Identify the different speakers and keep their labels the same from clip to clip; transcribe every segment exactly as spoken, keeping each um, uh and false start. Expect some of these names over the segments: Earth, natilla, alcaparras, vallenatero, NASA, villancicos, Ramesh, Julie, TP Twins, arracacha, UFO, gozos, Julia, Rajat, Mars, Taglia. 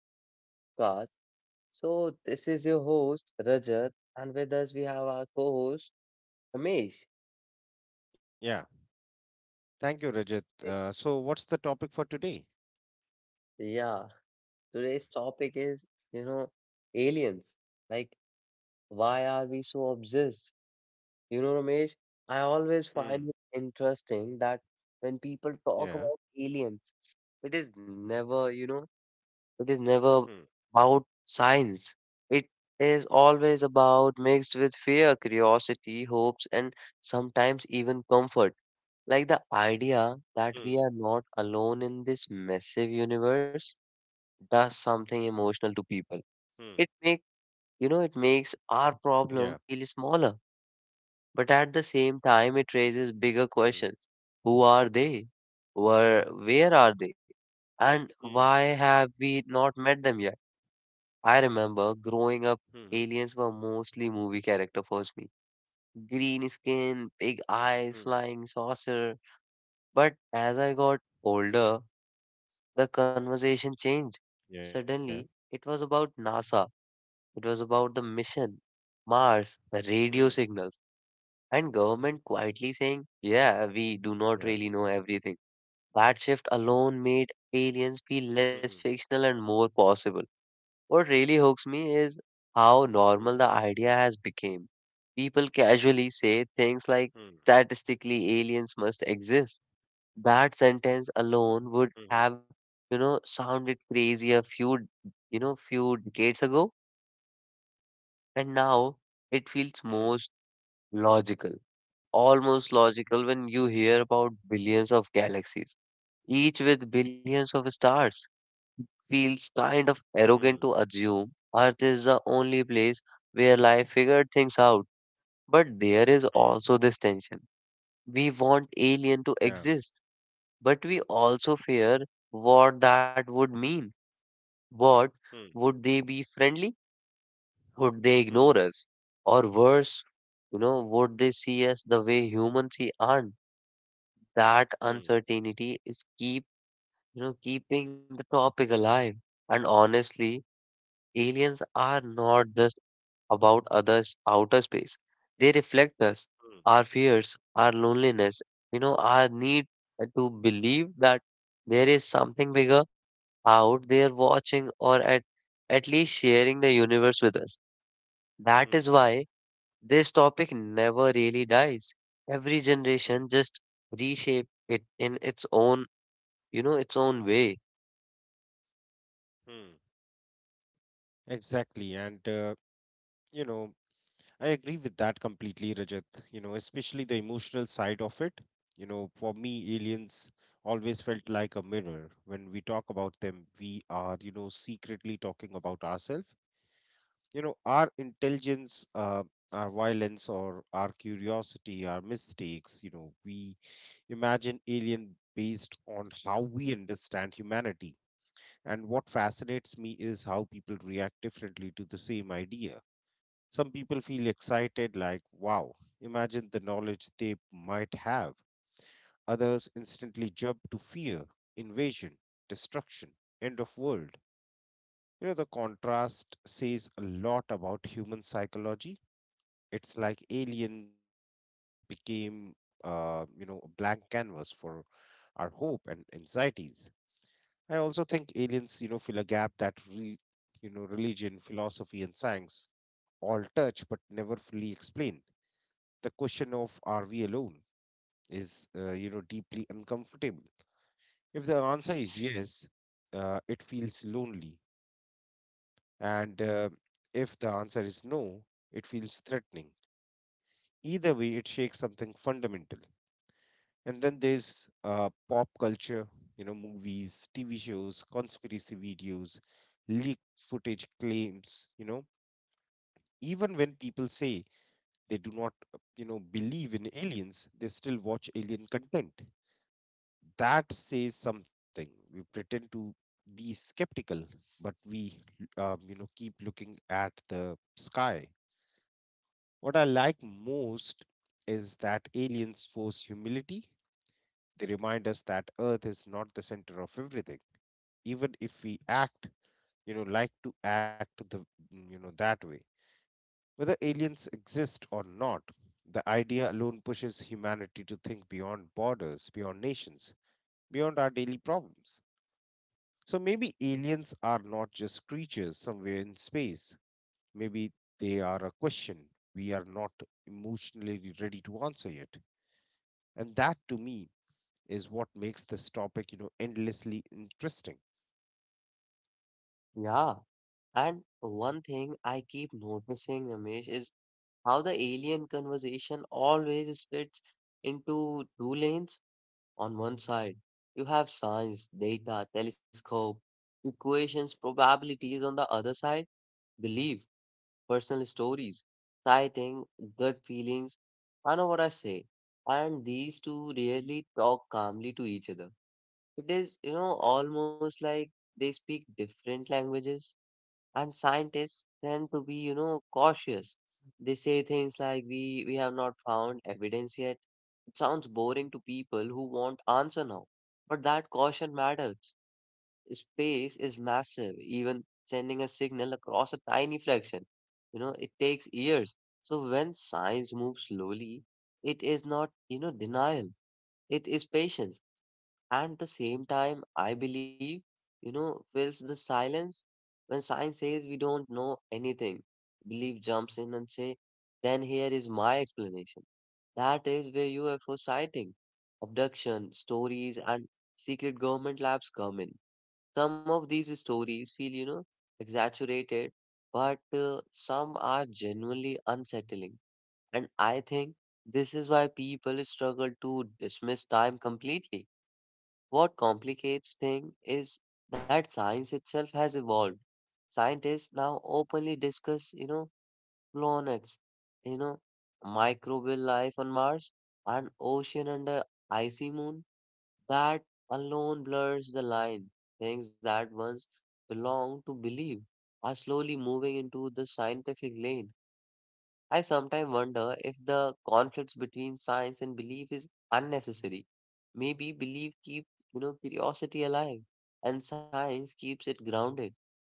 Speaker 1: to another podcast. So, this is your host, Rajat, and with us we have our co host, Ramesh.
Speaker 2: Yeah. Thank you, Rajat. Uh, so, what's the topic for today?
Speaker 1: Yeah, today's topic is, you know, aliens. Like, why are we so obsessed? You know, Ramesh, I always
Speaker 2: Hmm.
Speaker 1: find it interesting that when people talk
Speaker 2: Yeah.
Speaker 1: about aliens, it is never, you know, It is never
Speaker 2: Hmm.
Speaker 1: about science. It is always about mixed with fear, curiosity, hopes, and sometimes even comfort. Like the idea
Speaker 2: Hmm.
Speaker 1: that we are not alone in this massive universe does something
Speaker 2: Hmm.
Speaker 1: emotional to people. It make you know it
Speaker 2: Yeah.
Speaker 1: makes our problem feel smaller, but at the same time
Speaker 2: Hmm.
Speaker 1: it raises bigger questions. Who are they? Where where are they?
Speaker 2: Hmm.
Speaker 1: And why have we not met them yet? I remember
Speaker 2: Hmm.
Speaker 1: growing up, aliens were mostly movie character for me. Green skin, big
Speaker 2: Hmm.
Speaker 1: eyes, flying saucer. But as I got older, the conversation changed.
Speaker 2: Yeah.
Speaker 1: Suddenly, it was about NASA. It was about the
Speaker 2: Hmm.
Speaker 1: mission, Mars, radio signals, and government quietly
Speaker 2: Yeah.
Speaker 1: saying, yeah, we do not really know everything. That shift alone made
Speaker 2: Hmm.
Speaker 1: aliens feel less fictional and more possible. What really hooks me
Speaker 2: Hmm.
Speaker 1: is how normal the idea has become. People casually
Speaker 2: Hmm.
Speaker 1: say things like statistically aliens must exist. That sentence
Speaker 2: Hmm.
Speaker 1: alone would have, you know, sounded crazy a few, you know, few decades ago, and now it
Speaker 2: Hmm.
Speaker 1: feels most logical, almost logical when you hear about billions of galaxies, each with billions of stars. Feels kind of
Speaker 2: Hmm.
Speaker 1: arrogant to assume Earth is the only place where life figured things out. But there is
Speaker 2: Hmm.
Speaker 1: also this tension. We want alien to
Speaker 2: Yeah.
Speaker 1: exist, but we also
Speaker 2: Hmm.
Speaker 1: fear what that would mean. What
Speaker 2: Hmm.
Speaker 1: would they be friendly? Would they ignore
Speaker 2: Hmm.
Speaker 1: us? Or worse, you know, would they see us the way humans see aren't? That
Speaker 2: Hmm.
Speaker 1: uncertainty is keep you know keeping the topic alive. And honestly, aliens are not just about others' outer space. They reflect us, our fears, our loneliness, you know, our need to believe that there is something bigger out there watching or at, at least sharing the universe with us. That is
Speaker 2: Hmm.
Speaker 1: why this topic never really dies. Every
Speaker 2: Hmm.
Speaker 1: generation just reshape it in its own, you know, its own way.
Speaker 2: Hmm. Exactly. And, uh, you know, I agree with that completely, Rajat. You know, especially the emotional side of it. You know, for me, aliens always felt like a mirror. When we talk about them, we are, you know, secretly talking about ourselves. You know, our intelligence, uh, our violence, or our curiosity, our mistakes. You know, we imagine alien based on how we understand humanity. And what fascinates me is how people react differently to the same idea. Some people feel excited, like, wow, imagine the knowledge they might have. Others instantly jump to fear, invasion, destruction, end of world. You know, the contrast says a lot about human psychology. It's like aliens became, uh, you know, a blank canvas for our hope and anxieties. I also think aliens, you know, fill a gap that, re, you know, religion, philosophy, and science all touch but never fully explain. The question of are we alone is uh, you know deeply uncomfortable. If the answer is yes, uh, it feels lonely. And uh, if the answer is no, it feels threatening. Either way, it shakes something fundamental. And then there's uh, pop culture, you know movies, tv shows, conspiracy videos, leaked footage claims. You know even when people say they do not uh, you know believe in aliens, they still watch alien content. That says something. We pretend to be skeptical, but we um, you know keep looking at the sky. What I like most is that aliens force humility. They remind us that earth is not the center of everything, even if we act you know like to act the mm, you know that way. Whether aliens exist or not, the idea alone pushes humanity to think beyond borders, beyond nations, beyond our daily problems. So maybe aliens are not just creatures somewhere in space. Maybe they are a question we are not emotionally ready to answer yet. And that to me is what makes this topic, you know, endlessly interesting.
Speaker 1: Yeah. And one thing I keep noticing, Ramesh, is how the alien conversation always splits into two lanes. On one side, you have science, data, telescope, equations, probabilities. On the other side, belief, personal stories, sighting, gut feelings. I know what I say. And these two rarely talk calmly to each other. It is, you know, almost like they speak different languages, and scientists tend to be you know cautious. They say things like, we we have not found evidence yet. It sounds boring to people who want answer now, but that caution matters. Space is massive. Even sending a signal across a tiny fraction, you know it takes years. So when science moves slowly, it is not, you know denial. It is patience. And the same time, I believe, you know, fills the silence when science says we don't know anything. Belief jumps in and say, then here is my explanation. That is where U F O sighting, abduction, stories, and secret government labs come in. Some of these stories feel, you know, exaggerated, but uh, some are genuinely unsettling. And I think this is why people struggle to dismiss time completely. What complicates things is that science itself has evolved. Scientists now openly discuss, you know, planets, you know, microbial life on Mars, and ocean under icy moon. That alone blurs the line. Things that once belonged to belief are slowly moving into the scientific lane. I sometimes wonder if the conflicts between science and belief is unnecessary. Maybe belief keeps, you know, curiosity alive and science keeps it grounded.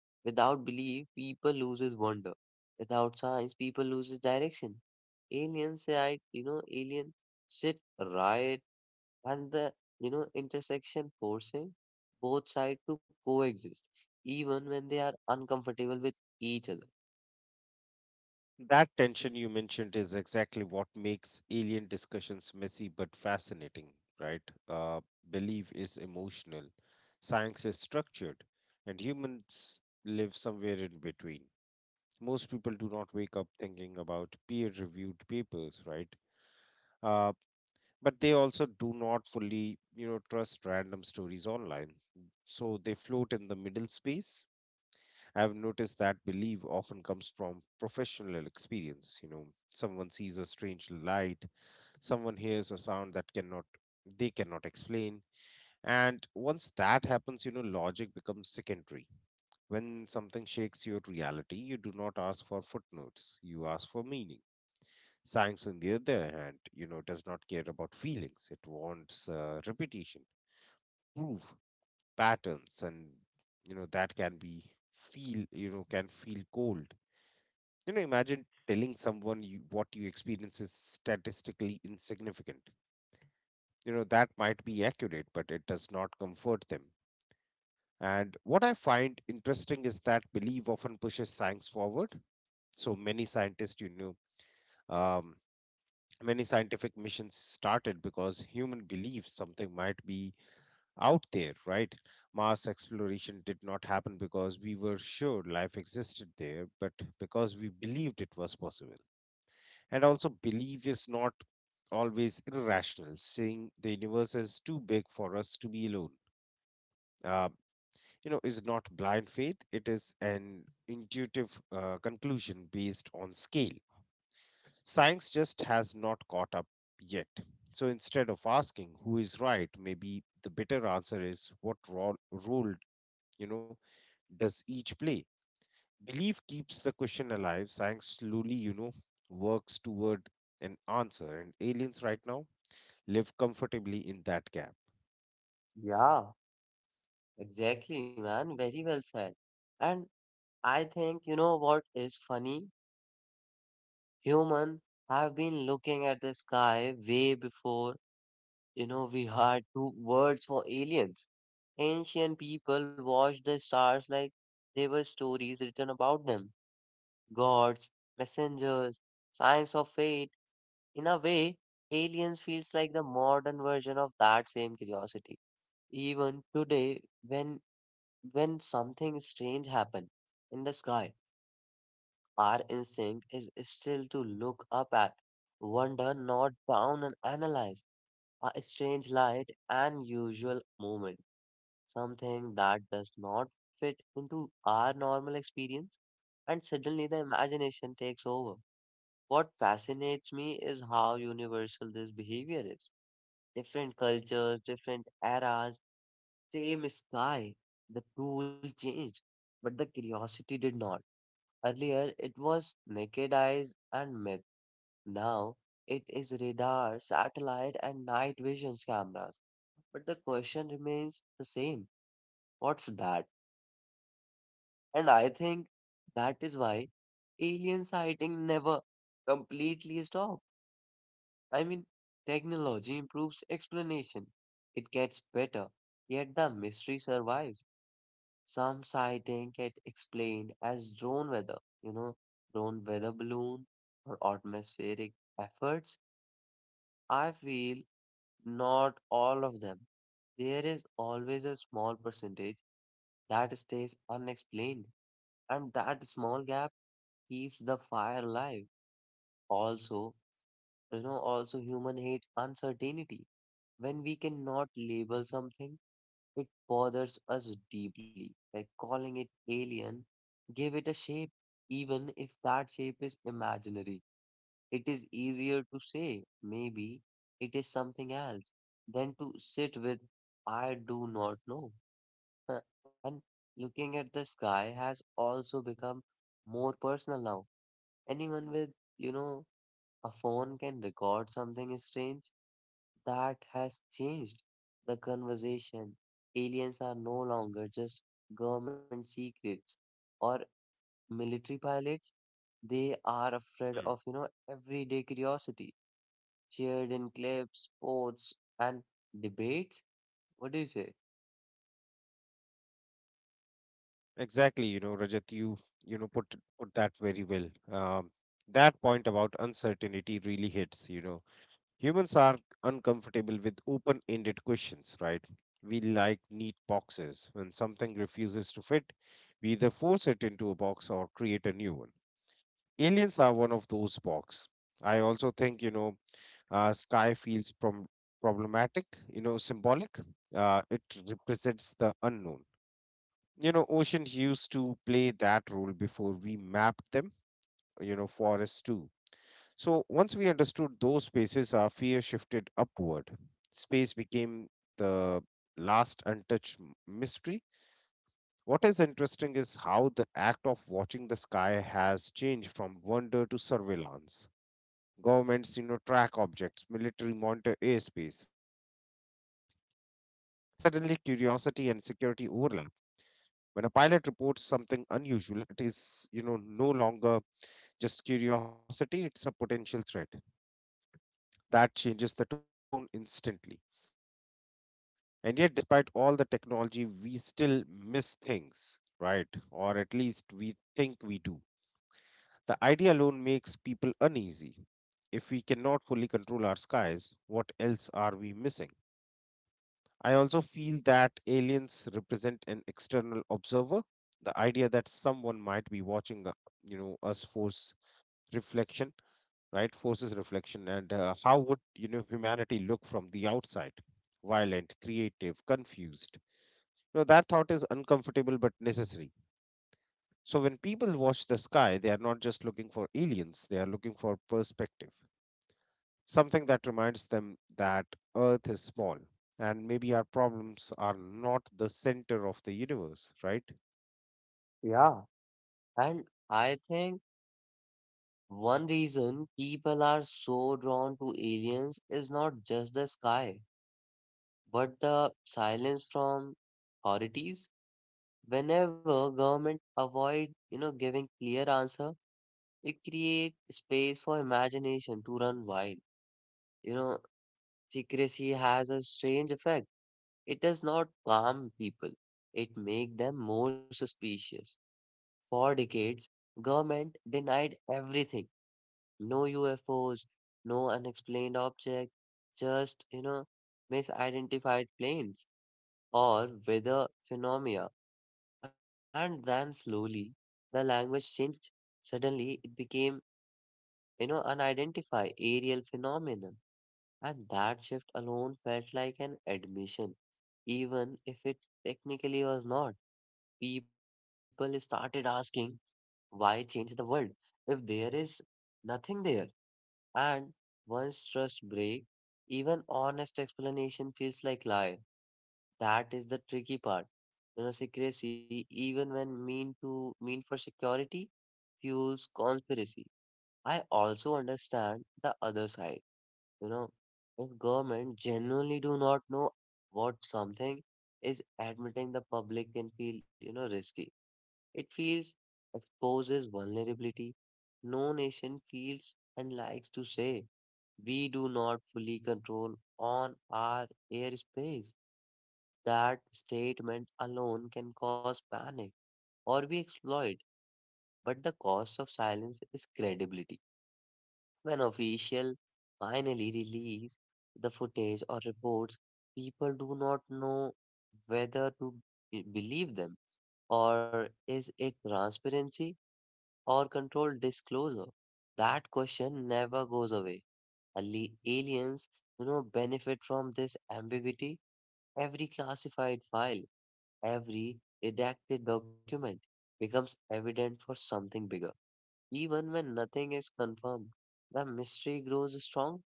Speaker 1: Without belief, people loses wonder. Without science, people loses direction. Aliens right, you know, alien sit right and the, you know, intersection forcing both sides to coexist, even when they are uncomfortable with each other.
Speaker 2: That tension you mentioned is exactly what makes alien discussions messy but fascinating, right? Uh, belief is emotional, science is structured, and humans live somewhere in between. Most people do not wake up thinking about peer reviewed papers, right? uh, but they also do not fully you know trust random stories online. So they float in the middle space. I've noticed that belief often comes from professional experience. You know someone sees a strange light, someone hears a sound that cannot they cannot explain. And once that happens, you know logic becomes secondary. When something shakes your reality, you do not ask for footnotes, you ask for meaning. Science, on the other hand, you know, does not care about feelings. It wants uh, repetition, proof, patterns, and you know that can be feel, you know, can feel cold. You know, imagine telling someone you, what you experience is statistically insignificant. You know, that might be accurate, but it does not comfort them. And what I find interesting is that belief often pushes science forward. So many scientists, you know, um, many scientific missions started because human believed something might be out there, right? Mars exploration did not happen because we were sure life existed there, but because we believed it was possible. And also, belief is not always irrational. Saying the universe is too big for us to be alone, uh, you know, is not blind faith. It is an intuitive uh, conclusion based on scale. Science just has not caught up yet. So instead of asking who is right, maybe the better answer is what ro- role, you know, does each play? Belief keeps the question alive. Science slowly, you know, works toward an answer. And aliens right now live comfortably in that gap.
Speaker 1: Yeah. Exactly, man. Very well said. And I think, you know what is funny? Humans have been looking at the sky way before, you know, we had two words for aliens. Ancient people watched the stars like they were stories written about them, gods, messengers, signs of fate. In a way, aliens feels like the modern version of that same curiosity. Even today, when when something strange happens in the sky, our instinct is still to look up at, wonder, not down and analyze a strange light and usual movement, something that does not fit into our normal experience, and suddenly the imagination takes over. What fascinates me is how universal this behavior is. Different cultures, different eras, same sky. The tool changed, but the curiosity did not. Earlier, it was naked eyes and myth. Now, it is radar, satellite, and night vision cameras. But the question remains the same: what's that? And I think that is why alien sighting never completely stops. I mean, technology improves explanation, it gets better, yet the mystery survives. Some sighting get explained as drone weather, you know, drone weather balloon or atmospheric efforts. I feel not all of them. There is always a small percentage that stays unexplained, and that small gap keeps the fire alive. Also, you know, also human hate uncertainty. When we cannot label something, it bothers us deeply. Like calling it alien, give it a shape, even if that shape is imaginary. It is easier to say, maybe it is something else, than to sit with, I do not know. Huh. And looking at the sky has also become more personal now. Anyone with, you know, a phone can record something strange that has changed the conversation. Aliens are no longer just government secrets or military pilots. They are afraid of, you know,
Speaker 2: Hmm.
Speaker 1: everyday curiosity, shared in clips, sports, and debates. What do you say?
Speaker 2: Exactly, you know, Rajat, you you know put put that very well. Um, that point about uncertainty really hits, you know Humans are uncomfortable with open ended questions, right? We like neat boxes. When something refuses to fit, we either force it into a box or create a new one. Aliens are one of those box. I also think, you know, uh, sky feels prom- problematic, you know, symbolic. Uh, it represents the unknown. You know, ocean used to play that role before we mapped them, you know, forests too. So once we understood those spaces, our fear shifted upward. Space became the last untouched m- mystery. What is interesting is how the act of watching the sky has changed from wonder to surveillance. Governments, you know, track objects, military monitor airspace. Suddenly, curiosity and security overlap. When a pilot reports something unusual, it is, you know, no longer just curiosity, it's a potential threat. That changes the tone instantly. And yet, despite all the technology, we still miss things, right? Or at least we think we do. The idea alone makes people uneasy. If we cannot fully control our skies, what else are we missing? I also feel that aliens represent an external observer. The idea that someone might be watching, uh, you know, us force reflection right forces reflection. And uh, how would you know humanity look from the outside, violent, creative, confused. You know that thought is uncomfortable but necessary. So when people watch the sky, they are not just looking for aliens, they are looking for perspective, something that reminds them that earth is small, and maybe our problems are not the center of the universe, right?
Speaker 1: Yeah. And I think one reason people are so drawn to aliens is not just the sky, but the silence from authorities. Whenever government avoid you know giving clear answer, it create space for imagination to run wild. you know Secrecy has a strange effect. It does not calm people. It make them more suspicious. For decades, government denied everything. No UFOs, no unexplained object, just you know misidentified planes or weather phenomena. And then slowly the language changed. Suddenly it became, you know, unidentified aerial phenomenon. And that shift alone felt like an admission, even if it technically was not. People started asking, why change the world if there is nothing there? And once trust breaks, even honest explanation feels like lie. That is the tricky part. You know, secrecy, even when mean to mean for security, fuels conspiracy. I also understand the other side. You know, if government genuinely do not know what something is, admitting the public can feel, you know, risky. It feels exposes vulnerability. No nation feels and likes to say we do not fully control on our airspace. That statement alone can cause panic or be exploited, but the cost of silence is credibility. When officials finally release the footage or reports, people do not know whether to be- believe them or is it transparency or controlled disclosure. That question never goes away. Ali- Aliens, you know, benefit from this ambiguity. Every classified file, every redacted document becomes evident for something bigger. Even when nothing is confirmed, the mystery grows strong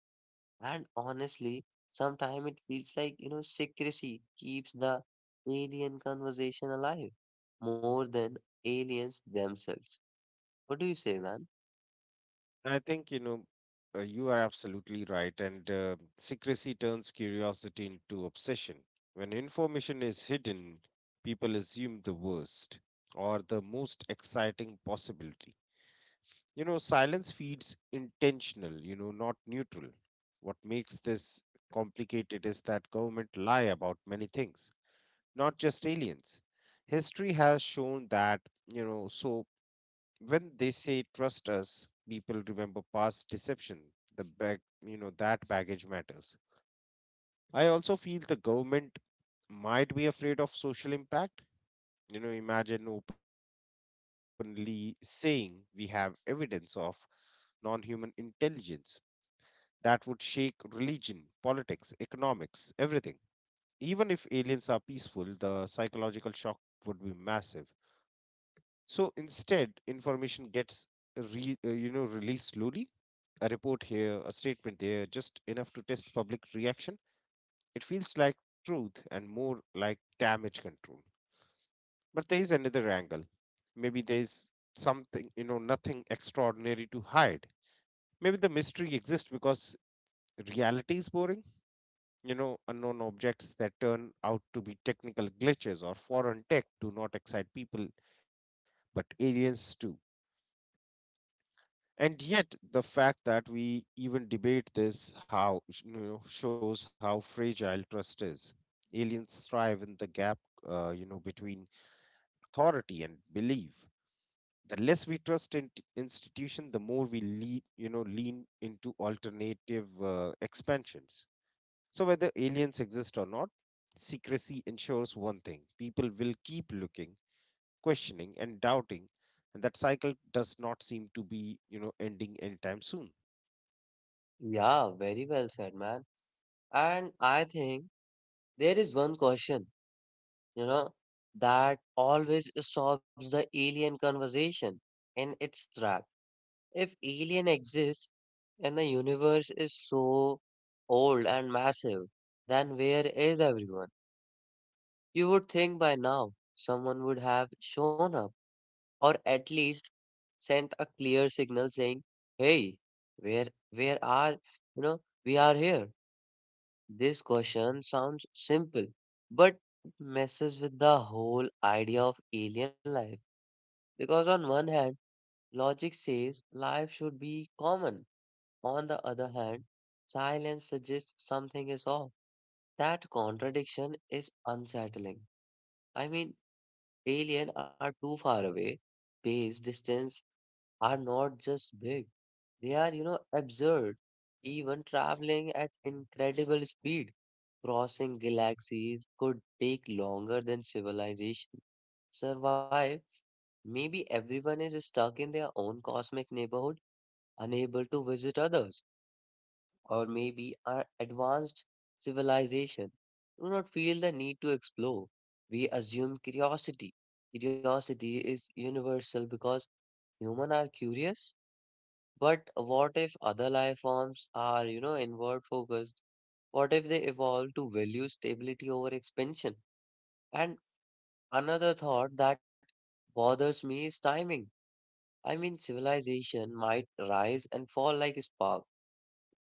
Speaker 1: and honestly, sometimes it feels like, you know, secrecy keeps the alien conversation alive more than aliens themselves. What do you say, man?
Speaker 2: I think, you know, uh, you are absolutely right. And uh, secrecy turns curiosity into obsession. When information is hidden, people assume the worst or the most exciting possibility. You know, silence feeds intentional, you know, not neutral. What makes this complicated is that government lie about many things, not just aliens. History has shown that, you know, so when they say trust us, people remember past deception. The bag you know that baggage matters. I also feel the government might be afraid of social impact. You know imagine openly saying we have evidence of non-human intelligence. That would shake religion, politics, economics, everything. Even if aliens are peaceful, the psychological shock would be massive. So instead, information gets re, uh, you know released slowly, a report here, a statement there, just enough to test public reaction. It feels like truth and more like damage control. But there is another angle. Maybe there is something, you know, nothing extraordinary to hide. Maybe the mystery exists because reality is boring. You know, unknown objects that turn out to be technical glitches or foreign tech do not excite people, but aliens do. And yet the fact that we even debate this how sh- you know shows how fragile trust is. Aliens thrive in the gap uh, you know between authority and belief. The less we trust in institution, the more we lean you know lean into alternative uh, expansions. So whether aliens exist or not, secrecy ensures one thing: people will keep looking, questioning, and doubting. And that cycle does not seem to be you know ending anytime soon.
Speaker 1: Yeah, very well said, man. And I think there is one question, you know, that always stops the alien conversation in its tracks. If alien exists and the universe is so old and massive, then where is everyone? You would think by now someone would have shown up or at least sent a clear signal saying, "Hey, where where are, you know, we are here." This question sounds simple, but it messes with the whole idea of alien life because on one hand, logic says life should be common. On the other hand, silence suggests something is off. That contradiction is unsettling. I mean, aliens are too far away. Space distance are not just big, they are, you know, absurd. Even traveling at incredible speed, crossing galaxies could take longer than civilization survive, maybe everyone is stuck in their own cosmic neighborhood, unable to visit others. Or maybe our advanced civilization do not feel the need to explore. We assume curiosity. Curiosity is universal because humans are curious. But what if other life forms are, you know, inward focused? What if they evolve to value stability over expansion? And another thought that bothers me is timing. I mean, civilization might rise and fall like a spark,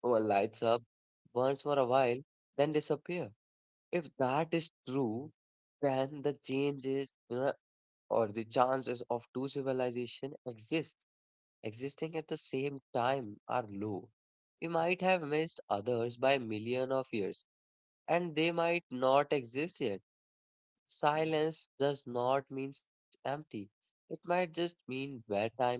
Speaker 1: or lights up, burns for a while, then disappear. If that is true, then the changes you know, or the chances of two civilization exist existing at the same time are low. We might have missed others by million of years, and they might not exist yet. Silence does not mean empty. It might just mean bad timing,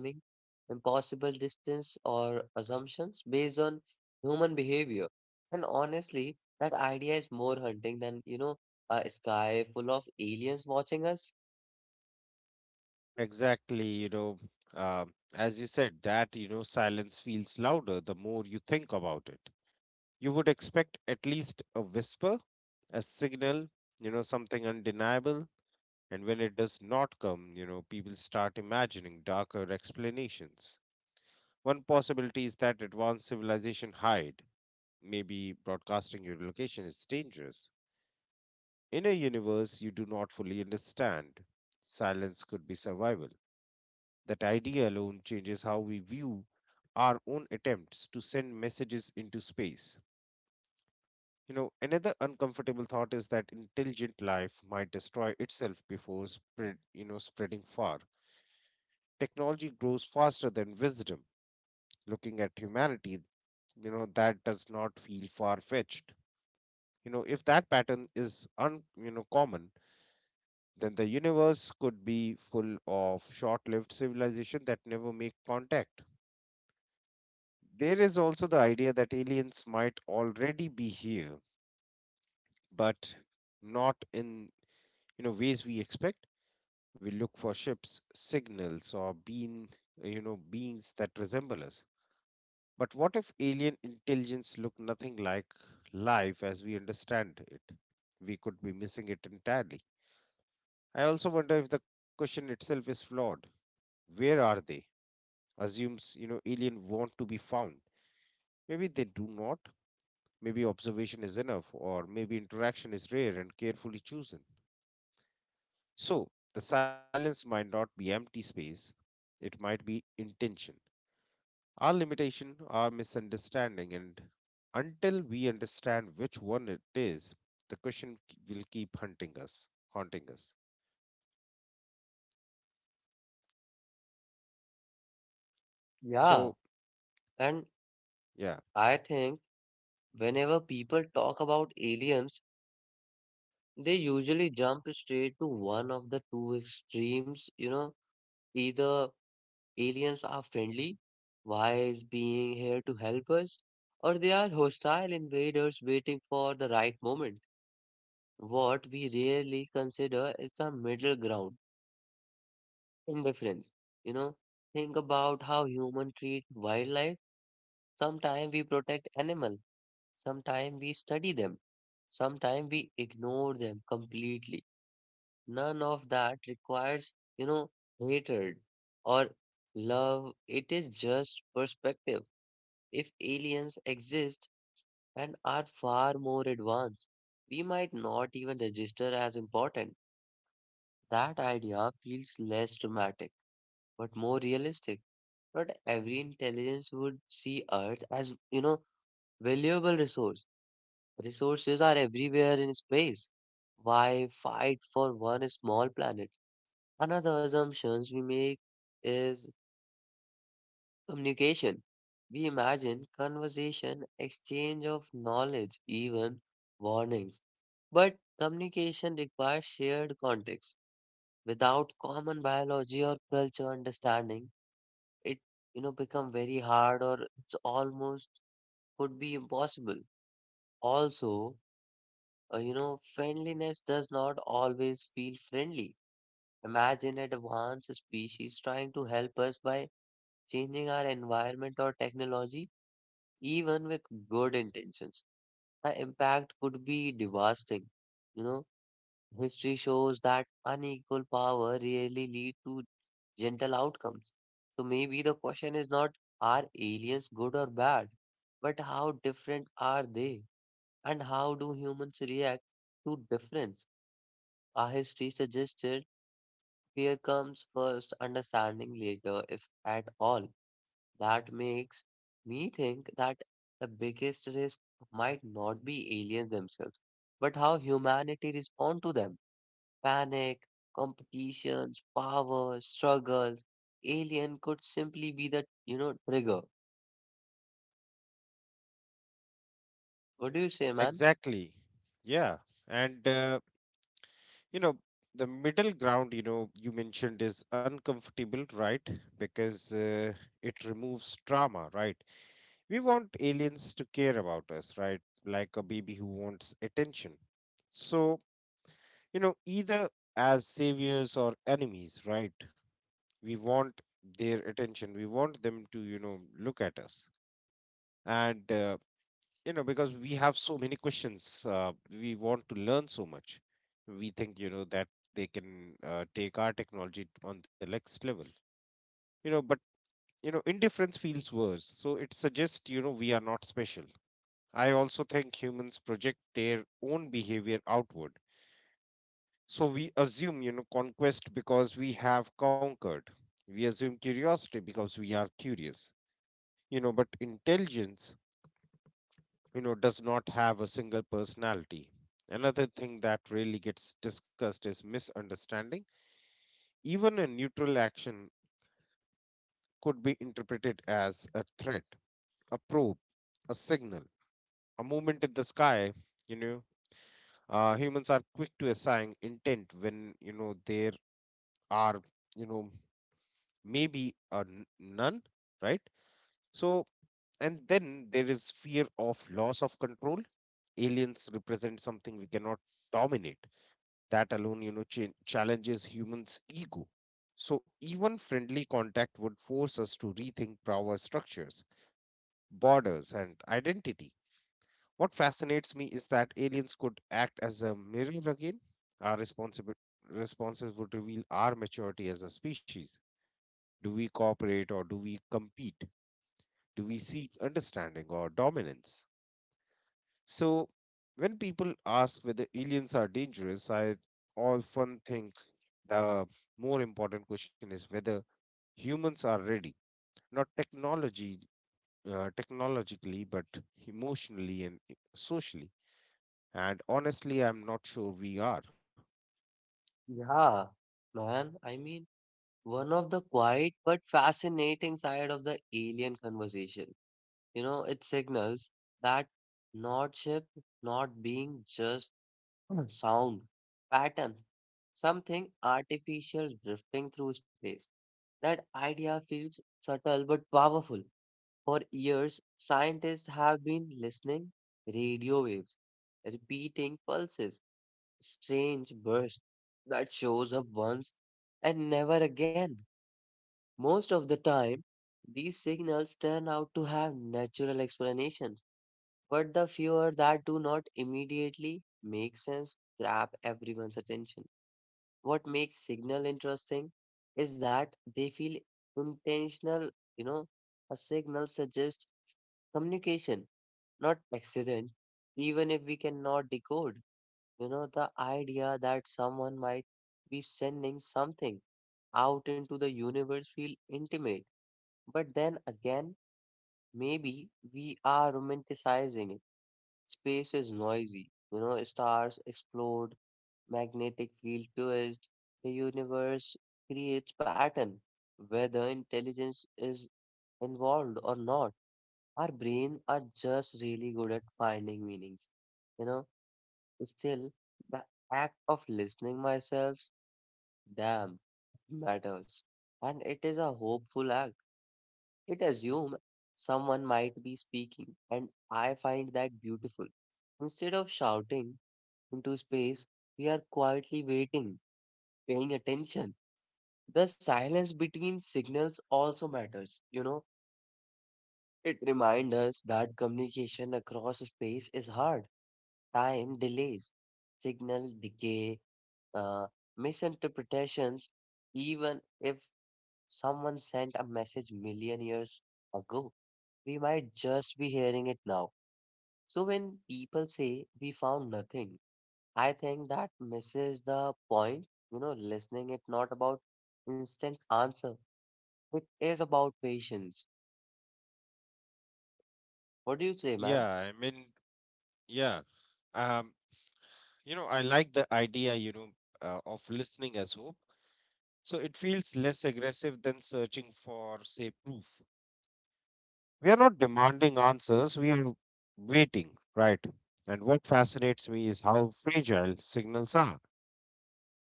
Speaker 1: impossible distance, or assumptions based on human behavior. And honestly, that idea is more hunting than, you know, a sky full of aliens watching us.
Speaker 2: Exactly, you know, um, as you said, that, you know, silence feels louder the more you think about it. You would expect at least a whisper, a signal, you know, something undeniable. And when it does not come, you know, people start imagining darker explanations. One possibility is that advanced civilization hide. Maybe broadcasting your location is dangerous. In a universe you do not fully understand, silence could be survival. That idea alone changes how we view our own attempts to send messages into space. You know, another uncomfortable thought is that intelligent life might destroy itself before spread, you know, spreading far. Technology grows faster than wisdom. Looking at humanity, you know, that does not feel far-fetched. You know, if that pattern is un, you know, common, then the universe could be full of short-lived civilization that never make contact. There is also the idea that aliens might already be here, but not in you know ways we expect. We look for ships, signals, or being you know beings that resemble us. But what if alien intelligence look nothing like life as we understand it? We could be missing it entirely. I also wonder if the question itself is flawed. Where are they? Assumes you know alien want to be found. Maybe they do not. Maybe observation is enough, or maybe interaction is rare and carefully chosen. So, the silence might not be empty space, it might be intention. Our limitation, our misunderstanding, and until we understand which one it is, the question k- will keep hunting us, haunting us. So,
Speaker 1: Yeah. And
Speaker 2: yeah,
Speaker 1: I think whenever people talk about aliens, they usually jump straight to one of the two extremes, you know, either aliens are friendly, wise being here to help us, or they are hostile invaders waiting for the right moment. What we rarely consider is the middle ground, indifference. You know, think about how humans treat wildlife. Sometimes we protect animals, sometimes we study them, sometimes we ignore them completely. None of that requires, you know, hatred or love. It is just perspective. If aliens exist and are far more advanced, we might not even register as important. That idea feels less dramatic, but more realistic. Not every intelligence would see Earth as, you know, valuable resource. Resources are everywhere in space. Why fight for one small planet? Another assumptions we make is communication. We imagine conversation, exchange of knowledge, even warnings. But communication requires shared context. Without common biology or culture understanding, it you know become very hard or it's almost could be impossible. Also, uh, you know, friendliness does not always feel friendly. Imagine an advanced species trying to help us by changing our environment or technology even with good intentions. The impact could be devastating. You know, history shows that unequal power really lead to gentle outcomes. So maybe the question is not are aliens good or bad, but how different are they? And how do humans react to difference? Our history suggested fear comes first, understanding later, if at all. That makes me think that the biggest risk might not be aliens themselves, but how humanity respond to them. Panic, competitions, power, struggles. Alien could simply be the, you know, trigger. What do you say, man?
Speaker 2: exactly. Yeah. And, uh, you know, the middle ground, you know, you mentioned is uncomfortable, right? Because uh, it removes trauma, right? We want aliens to care about us, right? Like a baby who wants attention. So, you know, either as saviors or enemies, right? We want their attention. We want them to, you know, look at us. And, uh, you know, because we have so many questions, uh, we want to learn so much. We think, you know, that they can uh, take our technology on the next level, you know, but, you know, indifference feels worse. So it suggests, you know, we are not special. I also think humans project their own behavior outward. So we assume, you know, conquest because we have conquered. We assume curiosity because we are curious. You know, but intelligence, you know, does not have a single personality. Another thing that really gets discussed is misunderstanding. Even a neutral action could be interpreted as a threat, a probe, a signal, a movement in the sky, you know, uh, humans are quick to assign intent when you know there are, you know, maybe a n- none, right? So and then there is fear of loss of control. Aliens represent something we cannot dominate. That alone, you know, cha- challenges humans ego. So even friendly contact would force us to rethink power structures, borders, and identity. What fascinates me is that aliens could act as a mirror again. Our responsibi- responses would reveal our maturity as a species. Do we cooperate or do we compete? Do we seek understanding or dominance? So, when people ask whether aliens are dangerous, I often think the more important question is whether humans are ready, not technology, uh, technologically, but emotionally and socially. And honestly, I'm not sure we are.
Speaker 1: Yeah, man. I mean, one of the quiet but fascinating side of the alien conversation. You know, it signals that not ship not being just sound, pattern, something artificial drifting through space. That idea feels subtle but powerful. For years, scientists have been listening radio waves, repeating pulses, strange bursts that shows up once and never again. Most of the time, these signals turn out to have natural explanations, but the fewer that do not immediately make sense grab everyone's attention. What makes signal interesting is that they feel intentional. You know, a signal suggests communication, not accident. Even if we cannot decode, you know, the idea that someone might be sending something out into the universe feel intimate. But then again, maybe we are romanticizing it. Space is noisy. You know, stars explode, magnetic field twist, the universe creates pattern. Whether intelligence is involved or not, our brain are just really good at finding meanings. You know, still the act of listening myself, damn, matters. And it is a hopeful act. It assumes someone might be speaking, and I find that beautiful. Instead of shouting into space, we are quietly waiting, paying attention. The silence between signals also matters. You know, it reminds us that communication across space is hard. Time delays, signal decay, uh, misinterpretations. Even if someone sent a message million years ago, we might just be hearing it now. So when people say we found nothing, I think that misses the point. You know, listening it not about instant answer. It is about patience. What do you say, man?
Speaker 2: Yeah, I mean, yeah. Um, you know, I like the idea, you know, uh, of listening as hope. So it feels less aggressive than searching for, say, proof. We are not demanding answers, we are waiting, right? And what fascinates me is how fragile signals are.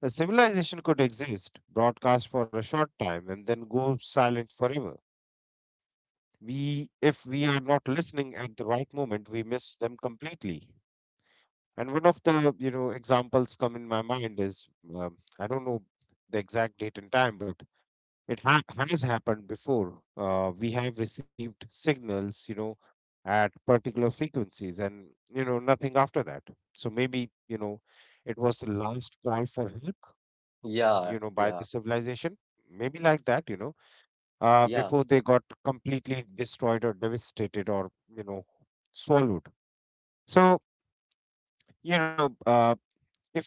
Speaker 2: A civilization could exist, broadcast for a short time, and then go silent forever. We, if we are not listening at the right moment, we miss them completely. And one of the, you know, examples come in my mind is um, I don't know the exact date and time, but it ha- has happened before. Uh, we have received signals, you know, at particular frequencies, and you know nothing after that. So maybe, you know, it was the last call for help,
Speaker 1: Yeah,
Speaker 2: you know, by
Speaker 1: yeah,
Speaker 2: the civilization. Maybe like that, you know, uh,
Speaker 1: yeah,
Speaker 2: before they got completely destroyed or devastated or, you know, swallowed. So you know, uh, if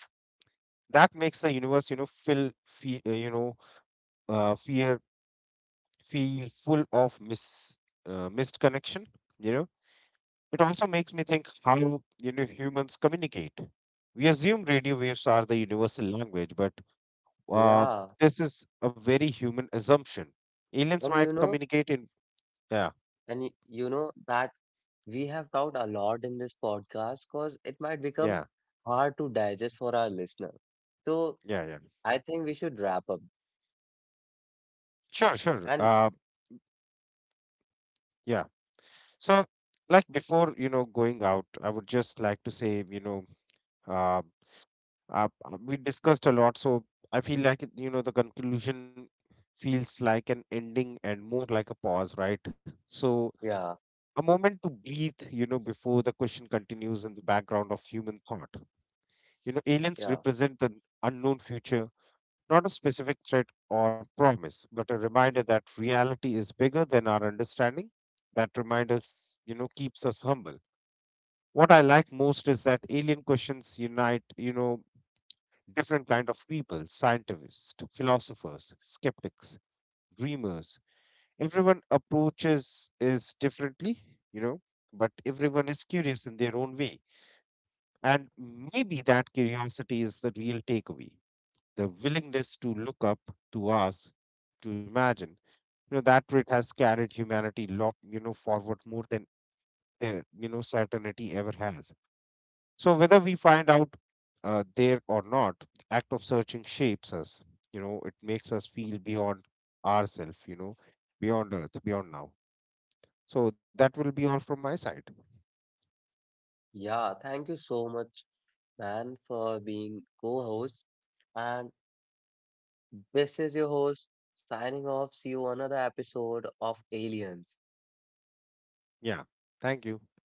Speaker 2: that makes the universe, you know, feel, feel, you know, uh, fear feel full of mis uh, missed connection, you know. It also makes me think how, you know, humans communicate. We assume radio waves are the universal language, but uh,
Speaker 1: yeah.
Speaker 2: this is a very human assumption. Aliens
Speaker 1: And you
Speaker 2: might
Speaker 1: know,
Speaker 2: communicate in, yeah.
Speaker 1: and y- you know that we have talked a lot in this podcast because it might become
Speaker 2: Yeah,
Speaker 1: hard to digest for our listener. So
Speaker 2: yeah, yeah,
Speaker 1: I think we should wrap up.
Speaker 2: sure, sure,
Speaker 1: And
Speaker 2: uh, yeah. So like before, you know, going out, I would just like to say, you know, uh, Uh, uh, we discussed a lot, so I feel like it- you know the conclusion feels like an ending and more like a pause, right? So
Speaker 1: yeah,
Speaker 2: a moment to breathe, you know, before the question continues in the background of human thought. You know, aliens
Speaker 1: yeah.
Speaker 2: represent the unknown future, not a specific threat or promise, but a reminder that reality is bigger than our understanding. That reminder, you know, keeps us humble. What I like most is that alien questions unite, you know, different kind of people, scientists, philosophers, skeptics, dreamers. Everyone approaches is differently, you know, but everyone is curious in their own way. And maybe that curiosity is the real takeaway, the willingness to look up, to ask, to imagine, you know, that trait has carried humanity long, you know, forward more than, uh, you know, certainty ever has. So whether we find out, uh, there or not, the act of searching shapes us. You know, it makes us feel beyond ourselves. You know, beyond Earth, beyond now. So that will be all from my side.
Speaker 1: yeah, thank you so much, man, for being co-host. And This is your host signing off. See you another episode of Aliens.
Speaker 2: Yeah. Thank you.